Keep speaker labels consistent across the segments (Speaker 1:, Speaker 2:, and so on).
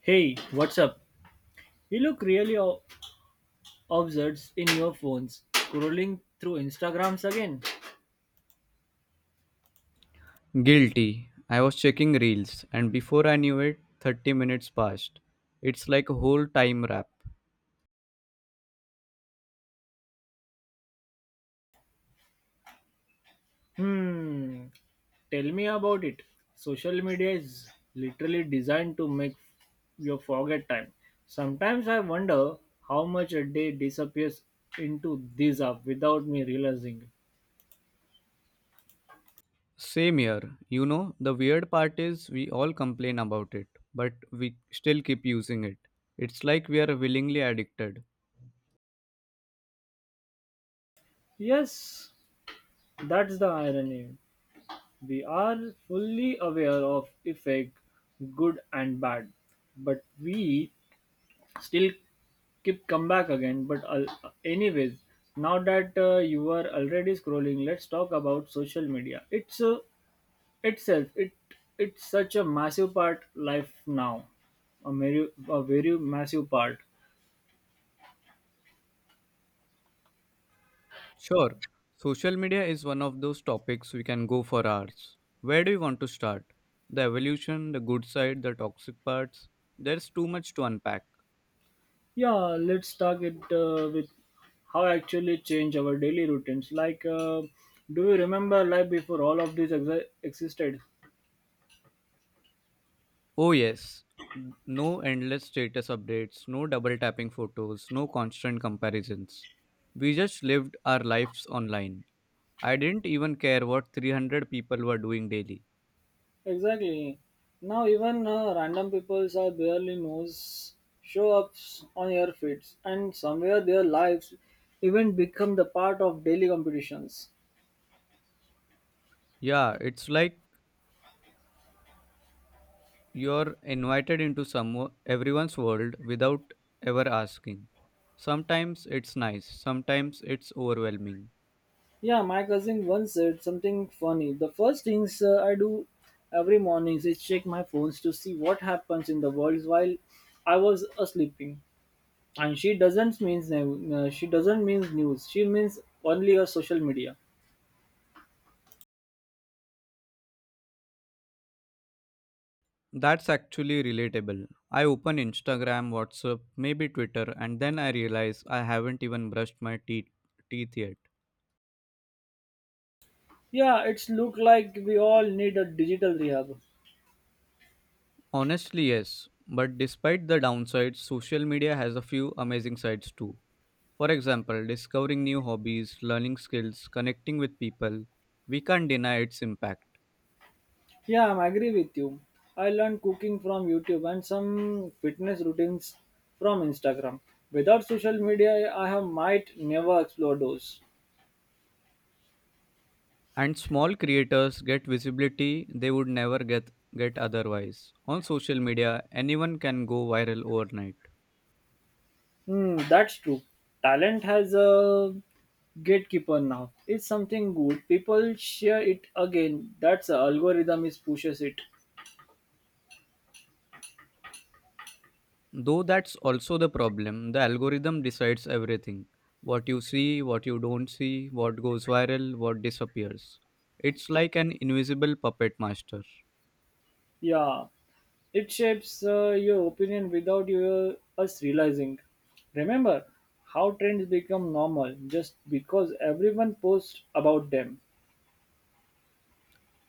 Speaker 1: Hey, what's up? You look really absurd in your phones, scrolling through Instagrams again.
Speaker 2: Guilty. I was checking reels, and before I knew it, 30 minutes passed. It's like a whole time wrap.
Speaker 1: Hmm, tell me about it. Social media is literally designed to make you forget time. Sometimes I wonder how much a day disappears into this app without me realizing.
Speaker 2: Same here. The weird part is we all complain about it, but we still keep using it. It's like we are willingly addicted.
Speaker 1: Yes, that's the irony. We are fully aware of effect, good and bad, but we still keep come back again but anyways, now that you are already scrolling, let's talk about social media. It's Itself, it's such a massive part life now, a very massive part.
Speaker 2: Sure, social media is one of those topics we can go for hours. Where do you want to start? The evolution, the good side, the toxic parts? There's too much to unpack.
Speaker 1: Yeah, let's talk it with how actually change our daily routines, like do you remember life before all of this existed?
Speaker 2: Oh, yes. N- No endless status updates, no double tapping photos, no constant comparisons. We just lived our lives online. I didn't even care what 300 people were doing daily.
Speaker 1: Exactly. Now even random people are barely knows, show ups on your feeds, and somewhere their lives even become the part of daily competitions.
Speaker 2: Yeah, it's like you're invited into some everyone's world without ever asking. Sometimes it's nice, sometimes it's overwhelming.
Speaker 1: Yeah, my cousin once said something funny. The first things I do every morning is check my phones to see what happens in the world while I was sleeping. And she doesn't means news. She means only your social media.
Speaker 2: That's actually relatable. I open Instagram, WhatsApp, maybe Twitter, and then I realize I haven't even brushed my teeth yet.
Speaker 1: Yeah, it's look like we all need a digital rehab.
Speaker 2: Honestly, yes. But despite the downsides, social media has a few amazing sides too. For example, discovering new hobbies, learning skills, connecting with people, we can't deny its impact.
Speaker 1: Yeah, I'm agree with you. I learned cooking from YouTube and some fitness routines from Instagram. Without social media, I have might never explore those.
Speaker 2: And small creators get visibility they would never get otherwise. On social media, anyone can go viral overnight.
Speaker 1: Hmm, that's true. Talent has a gatekeeper now. It's something good. People share it again. That's the algorithm is pushes it.
Speaker 2: Though that's also the problem. The algorithm decides everything: what you see, what you don't see, what goes viral, what disappears. It's like an invisible puppet master.
Speaker 1: Yeah, it shapes your opinion without us realizing. Remember how trends become normal just because everyone posts about them.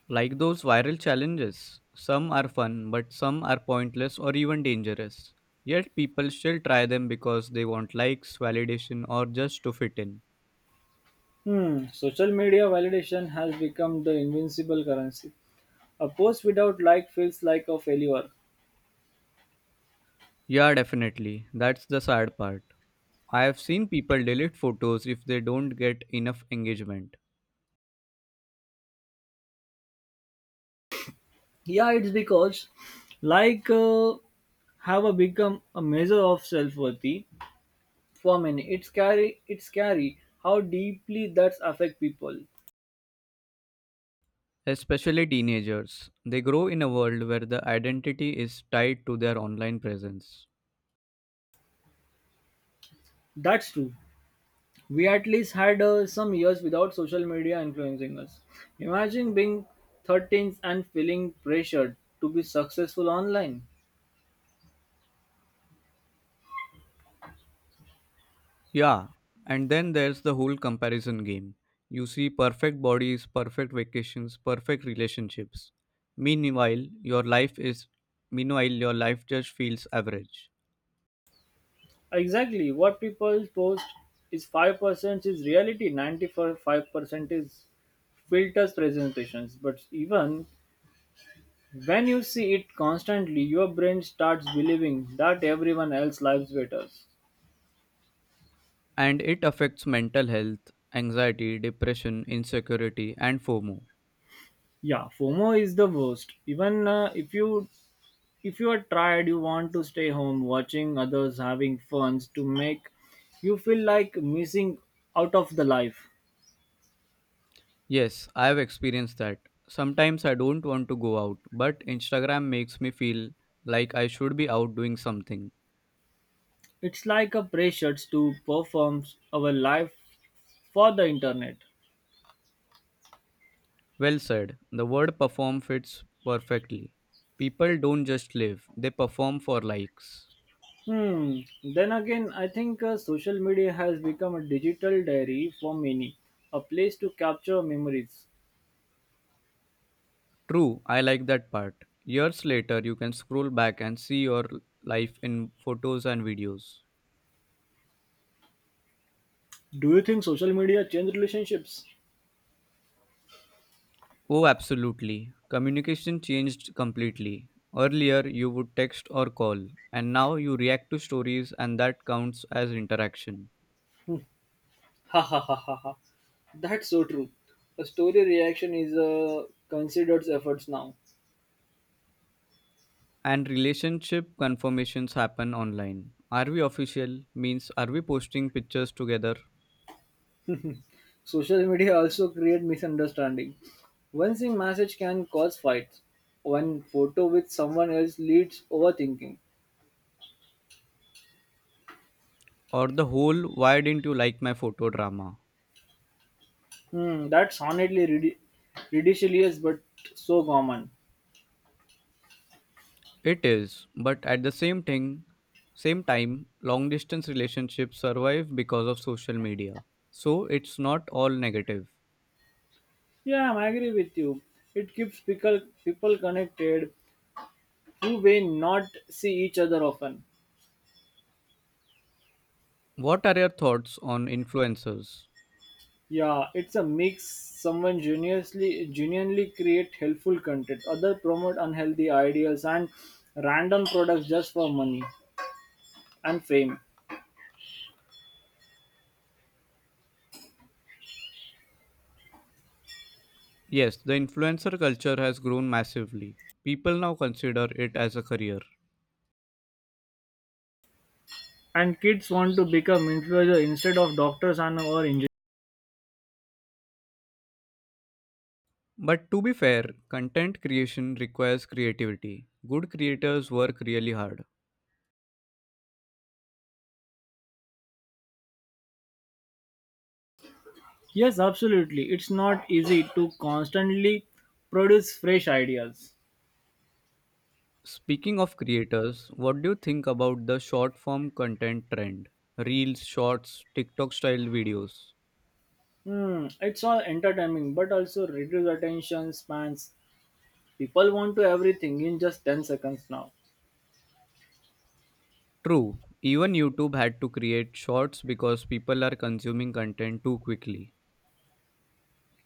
Speaker 2: Like those viral challenges, some are fun, but some are pointless or even dangerous. Yet people still try them because they want likes, validation, or just to fit in.
Speaker 1: Hmm, social media validation has become the invincible currency. A post without like feels like a failure.
Speaker 2: Yeah, definitely. That's the sad part. I have seen people delete photos if they don't get enough engagement.
Speaker 1: Yeah, it's because like have a become a measure of self-worthy for many. It's scary. It's scary how deeply that's affect people.
Speaker 2: Especially teenagers, they grow in a world where the identity is tied to their online presence.
Speaker 1: That's true. We at least had some years without social media influencing us. Imagine being 13 and feeling pressured to be successful online.
Speaker 2: Yeah, and then there's the whole comparison game. You see perfect bodies, perfect vacations, perfect relationships. Meanwhile, your life is Meanwhile your life just feels average.
Speaker 1: Exactly, what people post is 5% is reality, 95% is filters presentations. But even when you see it constantly, your brain starts believing that everyone else lives better.
Speaker 2: And it affects mental health, anxiety, depression, insecurity, and FOMO.
Speaker 1: Yeah, FOMO is the worst. Even If you are tired, you want to stay home, watching others having fun to make you feel like missing out of the life.
Speaker 2: Yes, I have experienced that. Sometimes I don't want to go out, but Instagram makes me feel like I should be out doing something.
Speaker 1: It's like a pressure to perform our life for the internet.
Speaker 2: Well said. The word perform fits perfectly. People don't just live, they perform for likes.
Speaker 1: Hmm. Then again, I think social media has become a digital diary for many, a place to capture memories.
Speaker 2: True, I like that part. Years later, you can scroll back and see your life in photos and videos.
Speaker 1: Do you think social media change relationships?
Speaker 2: Oh, absolutely. Communication changed completely. Earlier, you would text or call, and now you react to stories, and that counts as interaction.
Speaker 1: Ha ha ha ha ha. That's so true. A story reaction is considered efforts now.
Speaker 2: And relationship confirmations happen online. Are we official? Means, are we posting pictures together?
Speaker 1: Social media also create misunderstanding. One single message can cause fights. One photo with someone else leads overthinking.
Speaker 2: Or the whole, why didn't you like my photo drama?
Speaker 1: Hmm, that's honestly ridiculous but so common.
Speaker 2: It is, but at the same time, long distance relationships survive because of social media. So it's not all negative.
Speaker 1: Yeah, I agree with you. It keeps people connected who may not see each other often.
Speaker 2: What are your thoughts on influencers?
Speaker 1: Yeah, it's a mix. Someone genuinely create helpful content. Other promote unhealthy ideas and random products just for money and fame.
Speaker 2: Yes, the influencer culture has grown massively. People now consider it as a career.
Speaker 1: And kids want to become influencers instead of doctors and or engineers.
Speaker 2: But to be fair, content creation requires creativity. Good creators work really hard.
Speaker 1: Yes, absolutely. It's not easy to constantly produce fresh ideas.
Speaker 2: Speaking of creators, what do you think about the short form content trend? Reels, shorts, TikTok style videos.
Speaker 1: Hmm, it's all entertaining, but also reduce attention spans. People want to everything in just 10 seconds now.
Speaker 2: True, even YouTube had to create shorts because people are consuming content too quickly.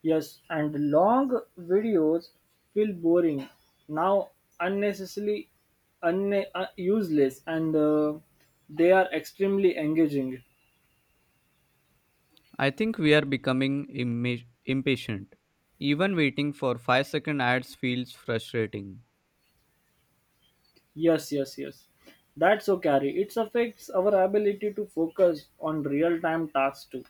Speaker 1: Yes, and long videos feel boring now, unnecessarily useless, and they are extremely engaging.
Speaker 2: I think we are becoming impatient. Even waiting for 5-second ads feels frustrating.
Speaker 1: Yes, yes, yes. That's so carry. It affects our ability to focus on real-time tasks too.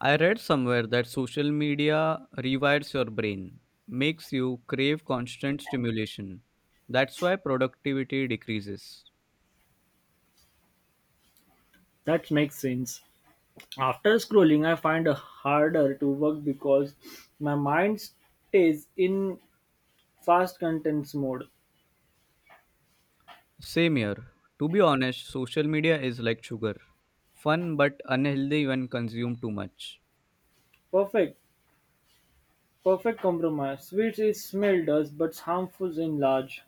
Speaker 2: I read somewhere that social media rewires your brain, makes you crave constant stimulation. That's why productivity decreases.
Speaker 1: That makes sense. After scrolling, I find it harder to work because my mind stays in fast contents mode.
Speaker 2: Same here. To be honest, social media is like sugar, fun but unhealthy when consumed too much.
Speaker 1: Perfect, perfect compromise. Sweet is smell does, but harmful in large.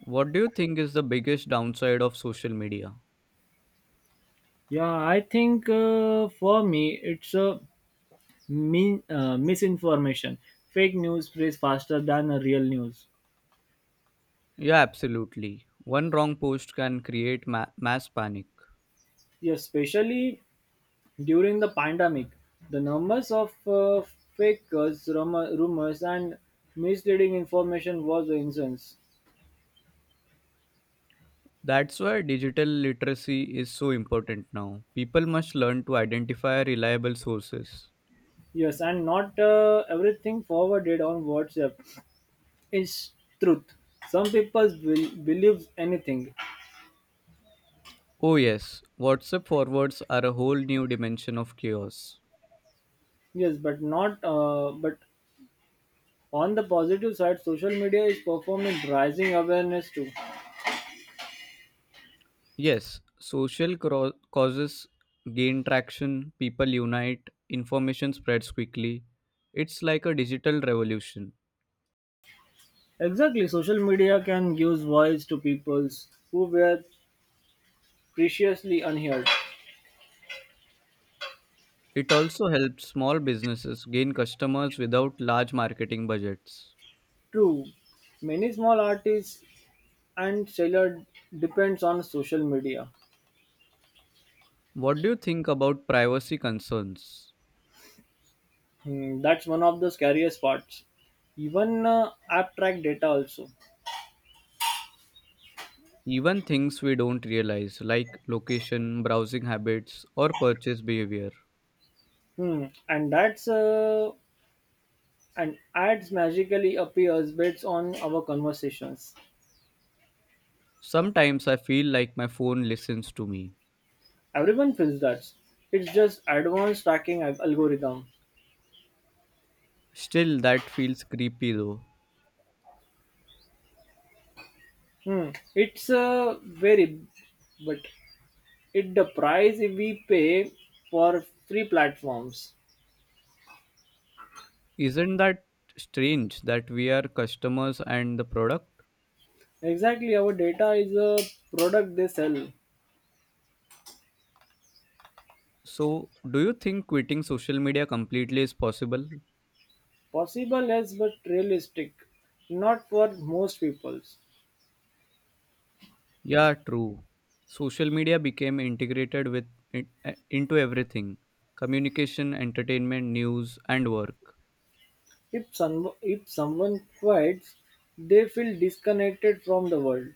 Speaker 2: What do you think is the biggest downside of social media?
Speaker 1: Yeah, I think for me it's a misinformation. Fake news spreads faster than a real news.
Speaker 2: Yeah, absolutely. One wrong post can create mass panic.
Speaker 1: Yes, especially during the pandemic, the numbers of fake rumors and misleading information was incense.
Speaker 2: That's why digital literacy is so important now. People must learn to identify reliable sources.
Speaker 1: Yes, and not everything forwarded on WhatsApp is truth. Some people will believe anything.
Speaker 2: Oh, yes, WhatsApp forwards are a whole new dimension of chaos.
Speaker 1: Yes, but not. But on the positive side, social media is performing rising awareness too.
Speaker 2: Yes, social causes gain traction, people unite, information spreads quickly. It's like a digital revolution.
Speaker 1: Exactly, social media can give voice to peoples who were previously unheard.
Speaker 2: It also helps small businesses gain customers without large marketing budgets.
Speaker 1: True, many small artists and seller depends on social media.
Speaker 2: What do you think about privacy concerns?
Speaker 1: Hmm, that's one of the scariest parts. Even app track data also.
Speaker 2: Even things we don't realize, like location, browsing habits, or purchase behavior.
Speaker 1: Hmm, and that's and ads magically appears based on our conversations.
Speaker 2: Sometimes I feel like my phone listens to me.
Speaker 1: Everyone feels that. It's just advanced tracking algorithm.
Speaker 2: Still, that feels creepy though.
Speaker 1: Hmm, it's very, but it the price we pay for free platforms.
Speaker 2: Isn't that strange that we are customers and the product?
Speaker 1: Exactly, our data is a product they sell.
Speaker 2: So, do you think quitting social media completely is possible?
Speaker 1: Possible as but realistic, not for most people.
Speaker 2: Yeah, true. Social media became integrated into everything: communication, entertainment, news, and work.
Speaker 1: If someone fights, they feel disconnected from the world.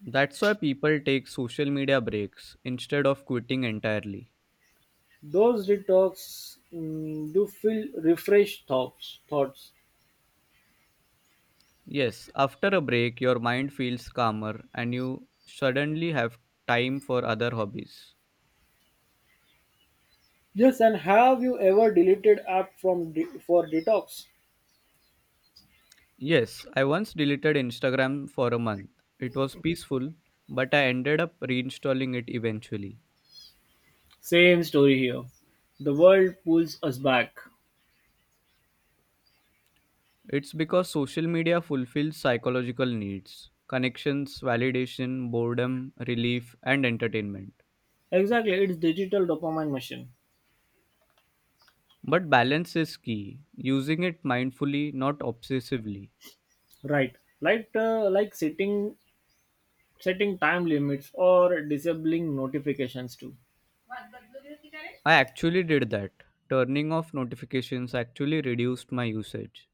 Speaker 2: That's why people take social media breaks instead of quitting entirely.
Speaker 1: Those detox mm, do feel refreshed thoughts. Thoughts.
Speaker 2: Yes, after a break, your mind feels calmer and you suddenly have time for other hobbies.
Speaker 1: Yes, and have you ever deleted app from for detox?
Speaker 2: Yes, I once deleted Instagram for a month. It was peaceful, but I ended up reinstalling it eventually.
Speaker 1: Same story here. The world pulls us back.
Speaker 2: It's because social media fulfills psychological needs: connections, validation, boredom, relief, and entertainment.
Speaker 1: Exactly, it's digital dopamine machine.
Speaker 2: But balance is key, using it mindfully, not obsessively.
Speaker 1: Right. Like sitting setting time limits or disabling notifications too.
Speaker 2: I actually did that. Turning off notifications actually reduced my usage.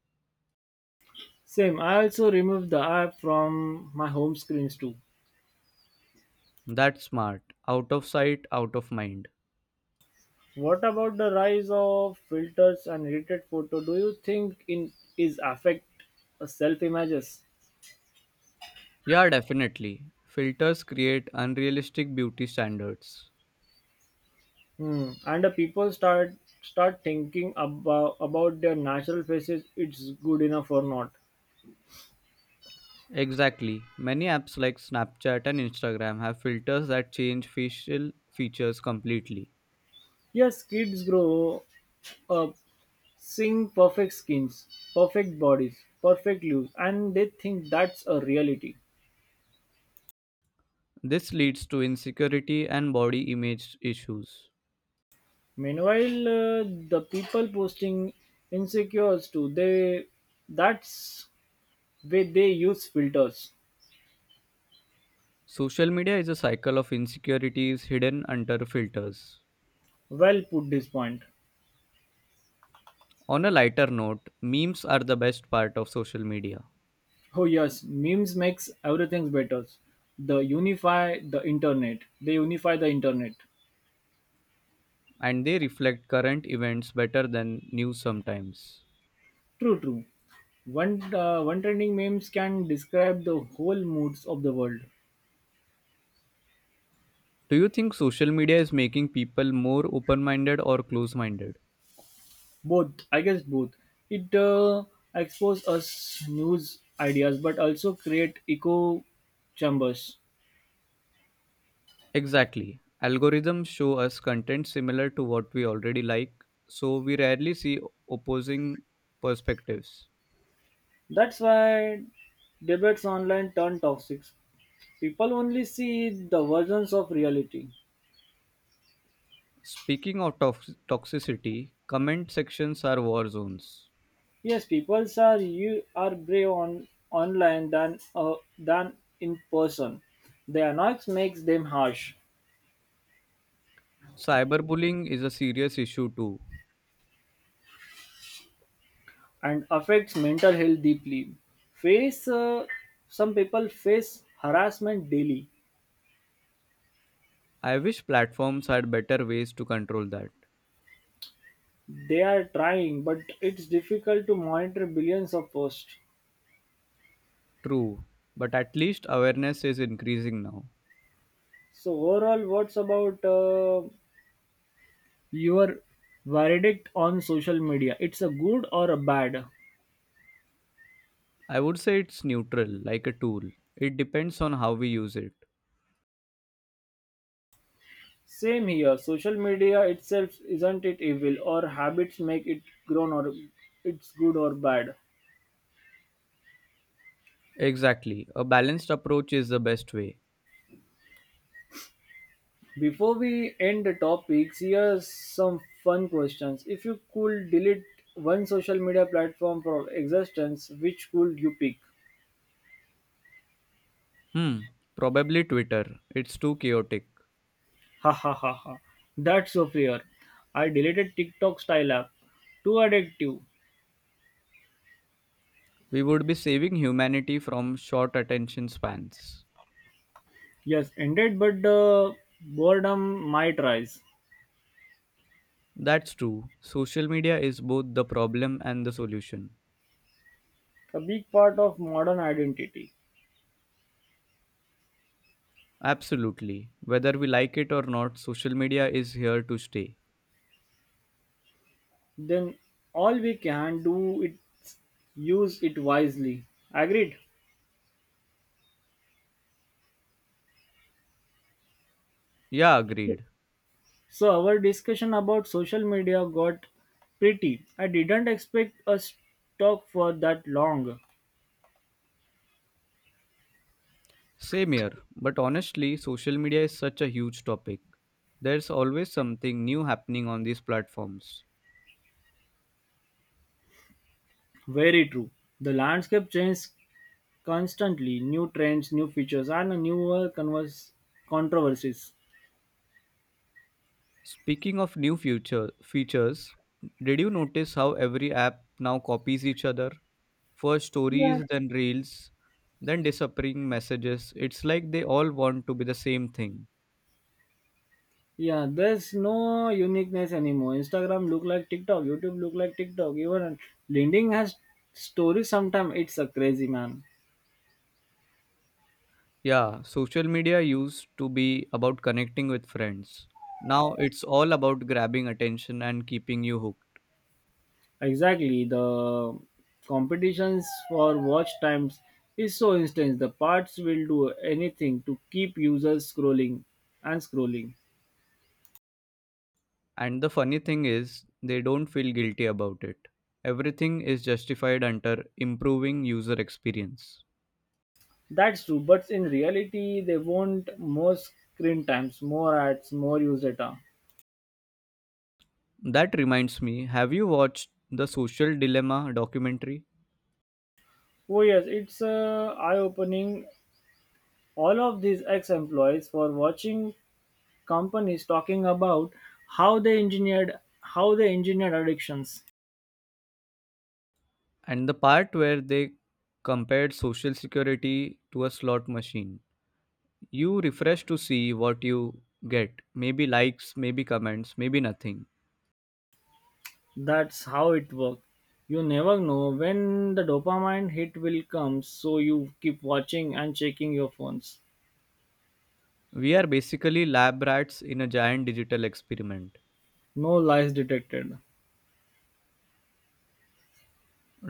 Speaker 1: Same, I also removed the app from my home screens too.
Speaker 2: That's smart. Out of sight, out of mind.
Speaker 1: What about the rise of filters and edited photo? Do you think in is affect self images?
Speaker 2: Yeah, definitely. Filters create unrealistic beauty standards.
Speaker 1: Hmm. And the people start thinking about their natural faces. It's good enough or not?
Speaker 2: Exactly. Many apps like Snapchat and Instagram have filters that change facial features completely.
Speaker 1: Yes, kids grow up seeing perfect skins, perfect bodies, perfect looks, and they think that's a reality.
Speaker 2: This leads to insecurity and body image issues.
Speaker 1: Meanwhile, the people posting insecures too, they that's way they use filters.
Speaker 2: Social media is a cycle of insecurities hidden under filters.
Speaker 1: Well put this point.
Speaker 2: On a lighter note, memes are the best part of social media,
Speaker 1: Oh yes, memes makes everything better. They unify the internet.
Speaker 2: and they reflect current events better than news sometimes.
Speaker 1: True, true. One trending memes can describe the whole moods of the world.
Speaker 2: Do you think social media is making people more open minded or close minded?
Speaker 1: Both, I guess, both. It expose us news ideas, but also create echo chambers.
Speaker 2: Exactly. Algorithms show us content similar to what we already like, so we rarely see opposing perspectives.
Speaker 1: That's why debates online turn toxic. People only see the versions of reality.
Speaker 2: Speaking of toxicity, comment sections are war zones.
Speaker 1: Yes, people are you are brave on online than than in person. Their noise makes them harsh
Speaker 2: Cyberbullying is a serious issue too.
Speaker 1: and affects mental health deeply. Face some people face harassment daily.
Speaker 2: I wish platforms had better ways to control that.
Speaker 1: They are trying, but it's difficult to monitor billions of posts.
Speaker 2: True, but at least awareness is increasing now.
Speaker 1: So overall, what's about your verdict on social media, it's a good or a bad?
Speaker 2: I would say it's neutral, like a tool. It depends on how we use it.
Speaker 1: Same here. Social media itself isn't it evil or habits make it grown or it's good or bad.
Speaker 2: Exactly. A balanced approach is the best way.
Speaker 1: Before we end the topics, here's some fun questions. If you could delete one social media platform from existence, which could you pick?
Speaker 2: Hmm, probably Twitter. It's too chaotic.
Speaker 1: Ha ha ha ha. That's so fair. I deleted TikTok style app. Too addictive.
Speaker 2: We would be saving humanity from short attention spans.
Speaker 1: Yes, indeed, but boredom might rise,
Speaker 2: That's true. Social media is both the problem and the solution.
Speaker 1: a big part of modern identity.
Speaker 2: Absolutely. Whether we like it or not, social media is here to stay.
Speaker 1: Then all we can do is use it wisely. Agreed.
Speaker 2: Yeah, agreed.
Speaker 1: So our discussion about social media got pretty. I didn't expect us talk for that long.
Speaker 2: Same here. But honestly, social media is such a huge topic. There's always something new happening on these platforms.
Speaker 1: Very true. The landscape changes constantly. New trends, new features, and newer converse controversies.
Speaker 2: Speaking of new future features, did you notice how every app now copies each other? First
Speaker 1: Yeah.
Speaker 2: stories, then reels, then disappearing messages. It's like they all want to be the same thing.
Speaker 1: Yeah, there's no uniqueness anymore. Instagram look like TikTok, YouTube look like TikTok. Even LinkedIn has stories. Sometimes it's a crazy man.
Speaker 2: Yeah, social media used to be about connecting with friends. Now it's all about grabbing attention and keeping you hooked.
Speaker 1: Exactly, the competitions for watch times is so intense. The parts will do anything to keep users scrolling and scrolling.
Speaker 2: And the funny thing is, they don't feel guilty about it. Everything is justified under improving user experience.
Speaker 1: That's true, but in reality, they want more screen times, more ads, more user data.
Speaker 2: That reminds me, have you watched the Social Dilemma documentary?
Speaker 1: Oh yes, it's eye-opening. All of these ex-employees for watching companies talking about how they engineered addictions.
Speaker 2: And the part where they compared social security to a slot machine. You refresh to see what you get: maybe likes, maybe comments, maybe nothing.
Speaker 1: That's how it works. You never know when the dopamine hit will come, so you keep watching and checking your phones.
Speaker 2: We are basically lab rats in a giant digital experiment.
Speaker 1: No lies detected.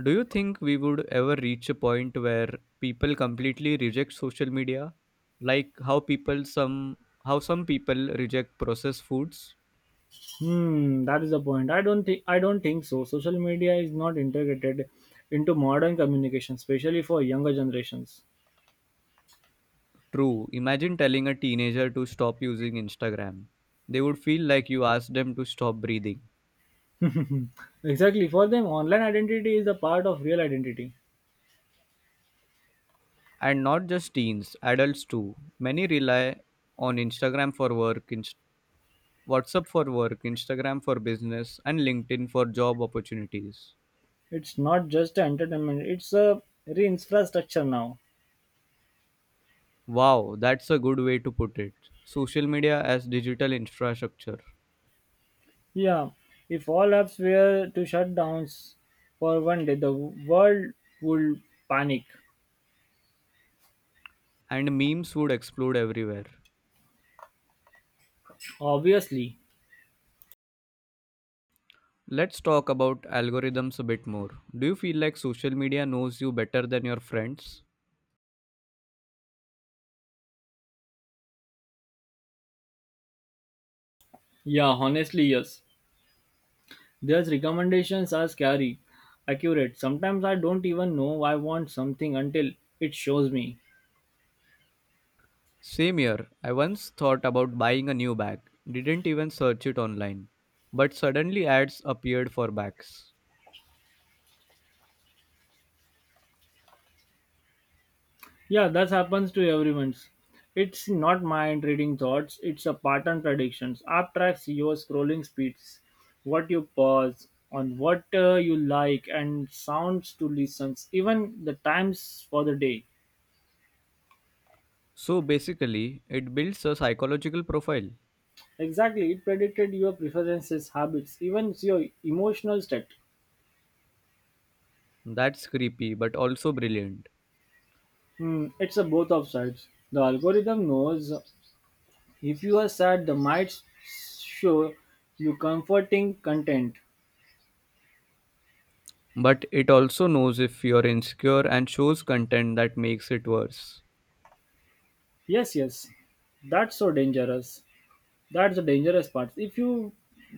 Speaker 2: Do you think we would ever reach a point where people completely reject social media? Like how some people reject processed foods?
Speaker 1: Hmm, that is the point. I don't think so. Social media is not integrated into modern communication, especially for younger generations.
Speaker 2: True. Imagine telling a teenager to stop using Instagram. They would feel like you asked them to stop breathing.
Speaker 1: Exactly. For them, online identity is a part of real identity.
Speaker 2: And not just teens, adults too. Many rely on Instagram for work, Inst- WhatsApp for work, Instagram for business, and LinkedIn for job opportunities.
Speaker 1: It's not just entertainment, it's a re-infrastructure now.
Speaker 2: Wow, that's a good way to put it. Social media as digital infrastructure.
Speaker 1: Yeah, if all apps were to shut down for one day, the world would panic.
Speaker 2: And memes would explode everywhere.
Speaker 1: Obviously.
Speaker 2: Let's talk about algorithms a bit more. Do you feel like social media knows you better than your friends?
Speaker 1: Yeah, honestly, yes. Their recommendations are scary, accurate. Sometimes I don't even know I want something until it shows me.
Speaker 2: Same year, I once thought about buying a new bag, didn't even search it online, but suddenly ads appeared for bags.
Speaker 1: Yeah, that happens to everyone. It's not mind reading thoughts, it's a pattern predictions. App tracks your scrolling speeds, what you pause on, what you like, and sounds to listen, even the times for the day.
Speaker 2: So basically, it builds a psychological profile.
Speaker 1: Exactly, it predicted your preferences, habits, even your emotional state.
Speaker 2: That's creepy but also brilliant.
Speaker 1: Hmm, it's a both of sides. The algorithm knows if you are sad, the might show you comforting content.
Speaker 2: But it also knows if you're insecure and shows content that makes it worse.
Speaker 1: Yes, yes. That's so dangerous. That's the dangerous part. If you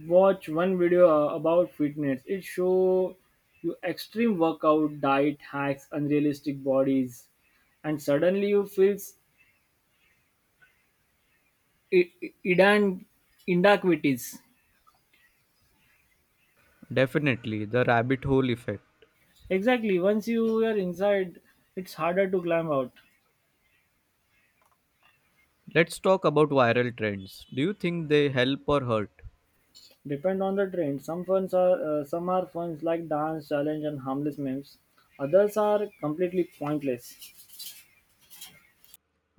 Speaker 1: watch one video about fitness, it show you extreme workout, diet hacks, unrealistic bodies, and suddenly you feel i- i- idan- inadequacies.
Speaker 2: Definitely, the rabbit hole effect.
Speaker 1: Exactly. Once you are inside, it's harder to climb out.
Speaker 2: Let's talk about viral trends. Do you think they help or hurt?
Speaker 1: Depend on the trend. Some funds are some are funds like dance challenge and harmless memes. Others are completely pointless.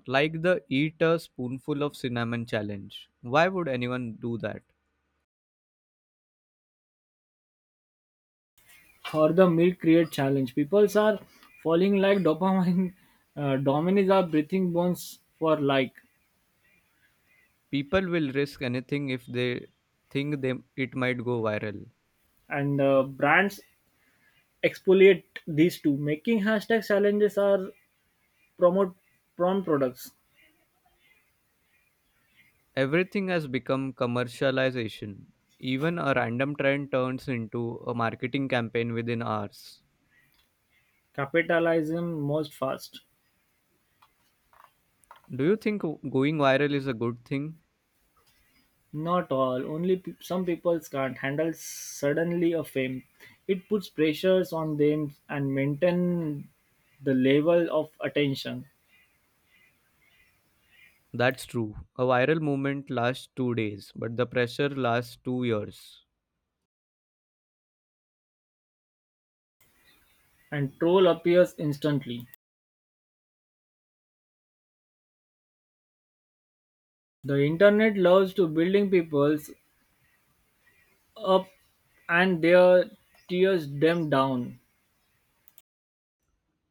Speaker 2: Like the eat a spoonful of cinnamon challenge. Why would anyone do that?
Speaker 1: For the mid create challenge. People are falling like dopamine. Dominies are breathing bones for like,
Speaker 2: People will risk anything if they think it might go viral.
Speaker 1: and brands exfoliate these two, making hashtag challenges are promote prawn products.
Speaker 2: Everything has become commercialization. Even a random trend turns into a marketing campaign within hours.
Speaker 1: Capitalism most fast.
Speaker 2: Do you think going viral is a good thing?
Speaker 1: Not all. Only some people can't handle suddenly a fame. It puts pressures on them and maintain the level of attention.
Speaker 2: That's true. A viral movement lasts 2 days, but the pressure lasts 2 years.
Speaker 1: And troll appears instantly. The internet loves to building peoples up and their tears them down.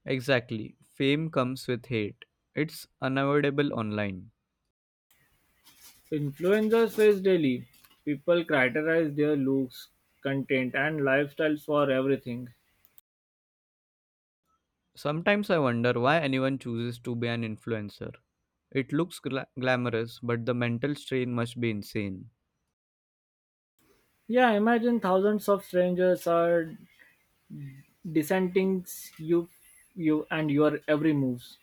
Speaker 2: Exactly. Fame comes with hate. It's unavoidable online.
Speaker 1: Influencers face daily. People criticize their looks, content and lifestyles for everything.
Speaker 2: Sometimes I wonder why anyone chooses to be an influencer. It looks glamorous, but the mental strain must be insane.
Speaker 1: Yeah, imagine thousands of strangers are dissenting you you and your every moves.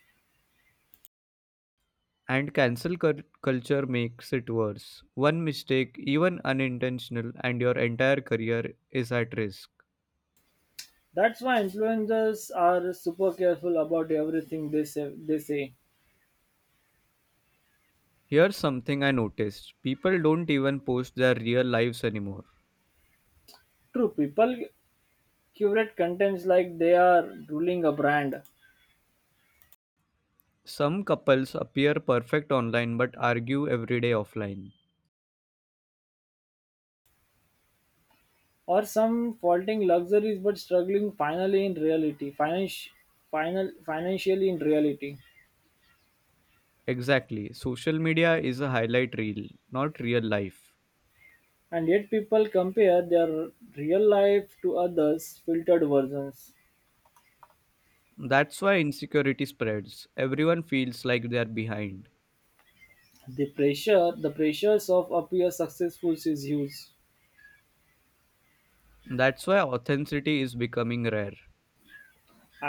Speaker 2: And culture makes it worse. One mistake, even unintentional, and your entire career is at risk.
Speaker 1: That's why influencers are super careful about everything they say.
Speaker 2: Here's something I noticed: people don't even post their real lives anymore.
Speaker 1: True, people curate contents like they are ruling a brand.
Speaker 2: Some couples appear perfect online but argue every day offline.
Speaker 1: Or some faulting luxuries but struggling finally in reality final, financially in reality.
Speaker 2: Exactly, social media is a highlight reel, not real life.
Speaker 1: And yet people compare their real life to others filtered versions.
Speaker 2: That's why insecurity spreads. Everyone feels like they're behind.
Speaker 1: The pressures of appear successful is huge.
Speaker 2: That's why authenticity is becoming rare.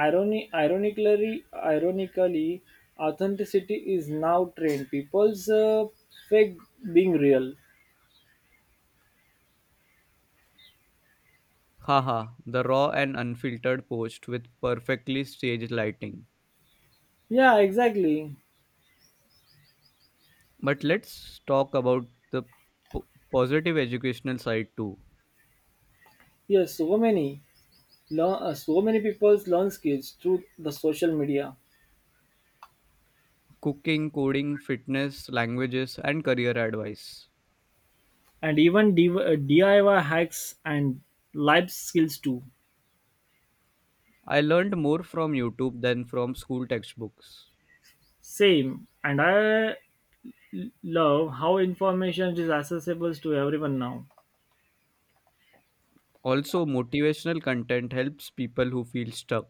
Speaker 1: Irony ironically authenticity is now trained people's fake being real.
Speaker 2: Haha, the raw and unfiltered post with perfectly staged lighting.
Speaker 1: Yeah exactly.
Speaker 2: But let's talk about the positive educational side too:
Speaker 1: Yes so many. So many people learn skills through the social media
Speaker 2: cooking, coding, fitness, languages, and career advice.
Speaker 1: and even DIY hacks and life skills too.
Speaker 2: I learned more from YouTube than from school textbooks.
Speaker 1: Same, and I love how information is accessible to everyone now.
Speaker 2: Also, motivational content helps people who feel stuck.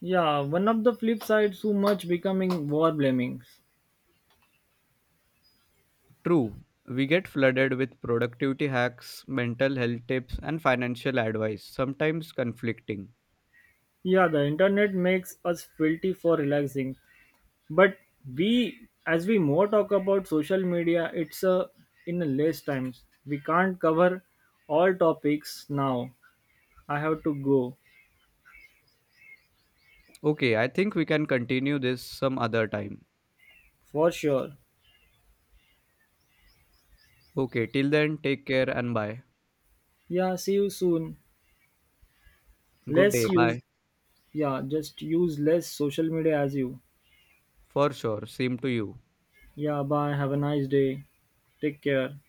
Speaker 1: Yeah, one of the flip sides too much becoming war blaming.
Speaker 2: True, we get flooded with productivity hacks, mental health tips, and financial advice, sometimes conflicting.
Speaker 1: Yeah, the internet makes us filthy for relaxing, but we, as we more talk about social media, it's a in a less times. We can't cover all topics now. I have to go
Speaker 2: Okay, I think we can continue this some other time.
Speaker 1: for sure.
Speaker 2: Okay, till then, take care and bye.
Speaker 1: Yeah, see you soon.
Speaker 2: Good
Speaker 1: Let's
Speaker 2: day,
Speaker 1: use,
Speaker 2: bye.
Speaker 1: yeah, just use less social media as you.
Speaker 2: For sure, same to you.
Speaker 1: Yeah, bye. Have a nice day. Take care.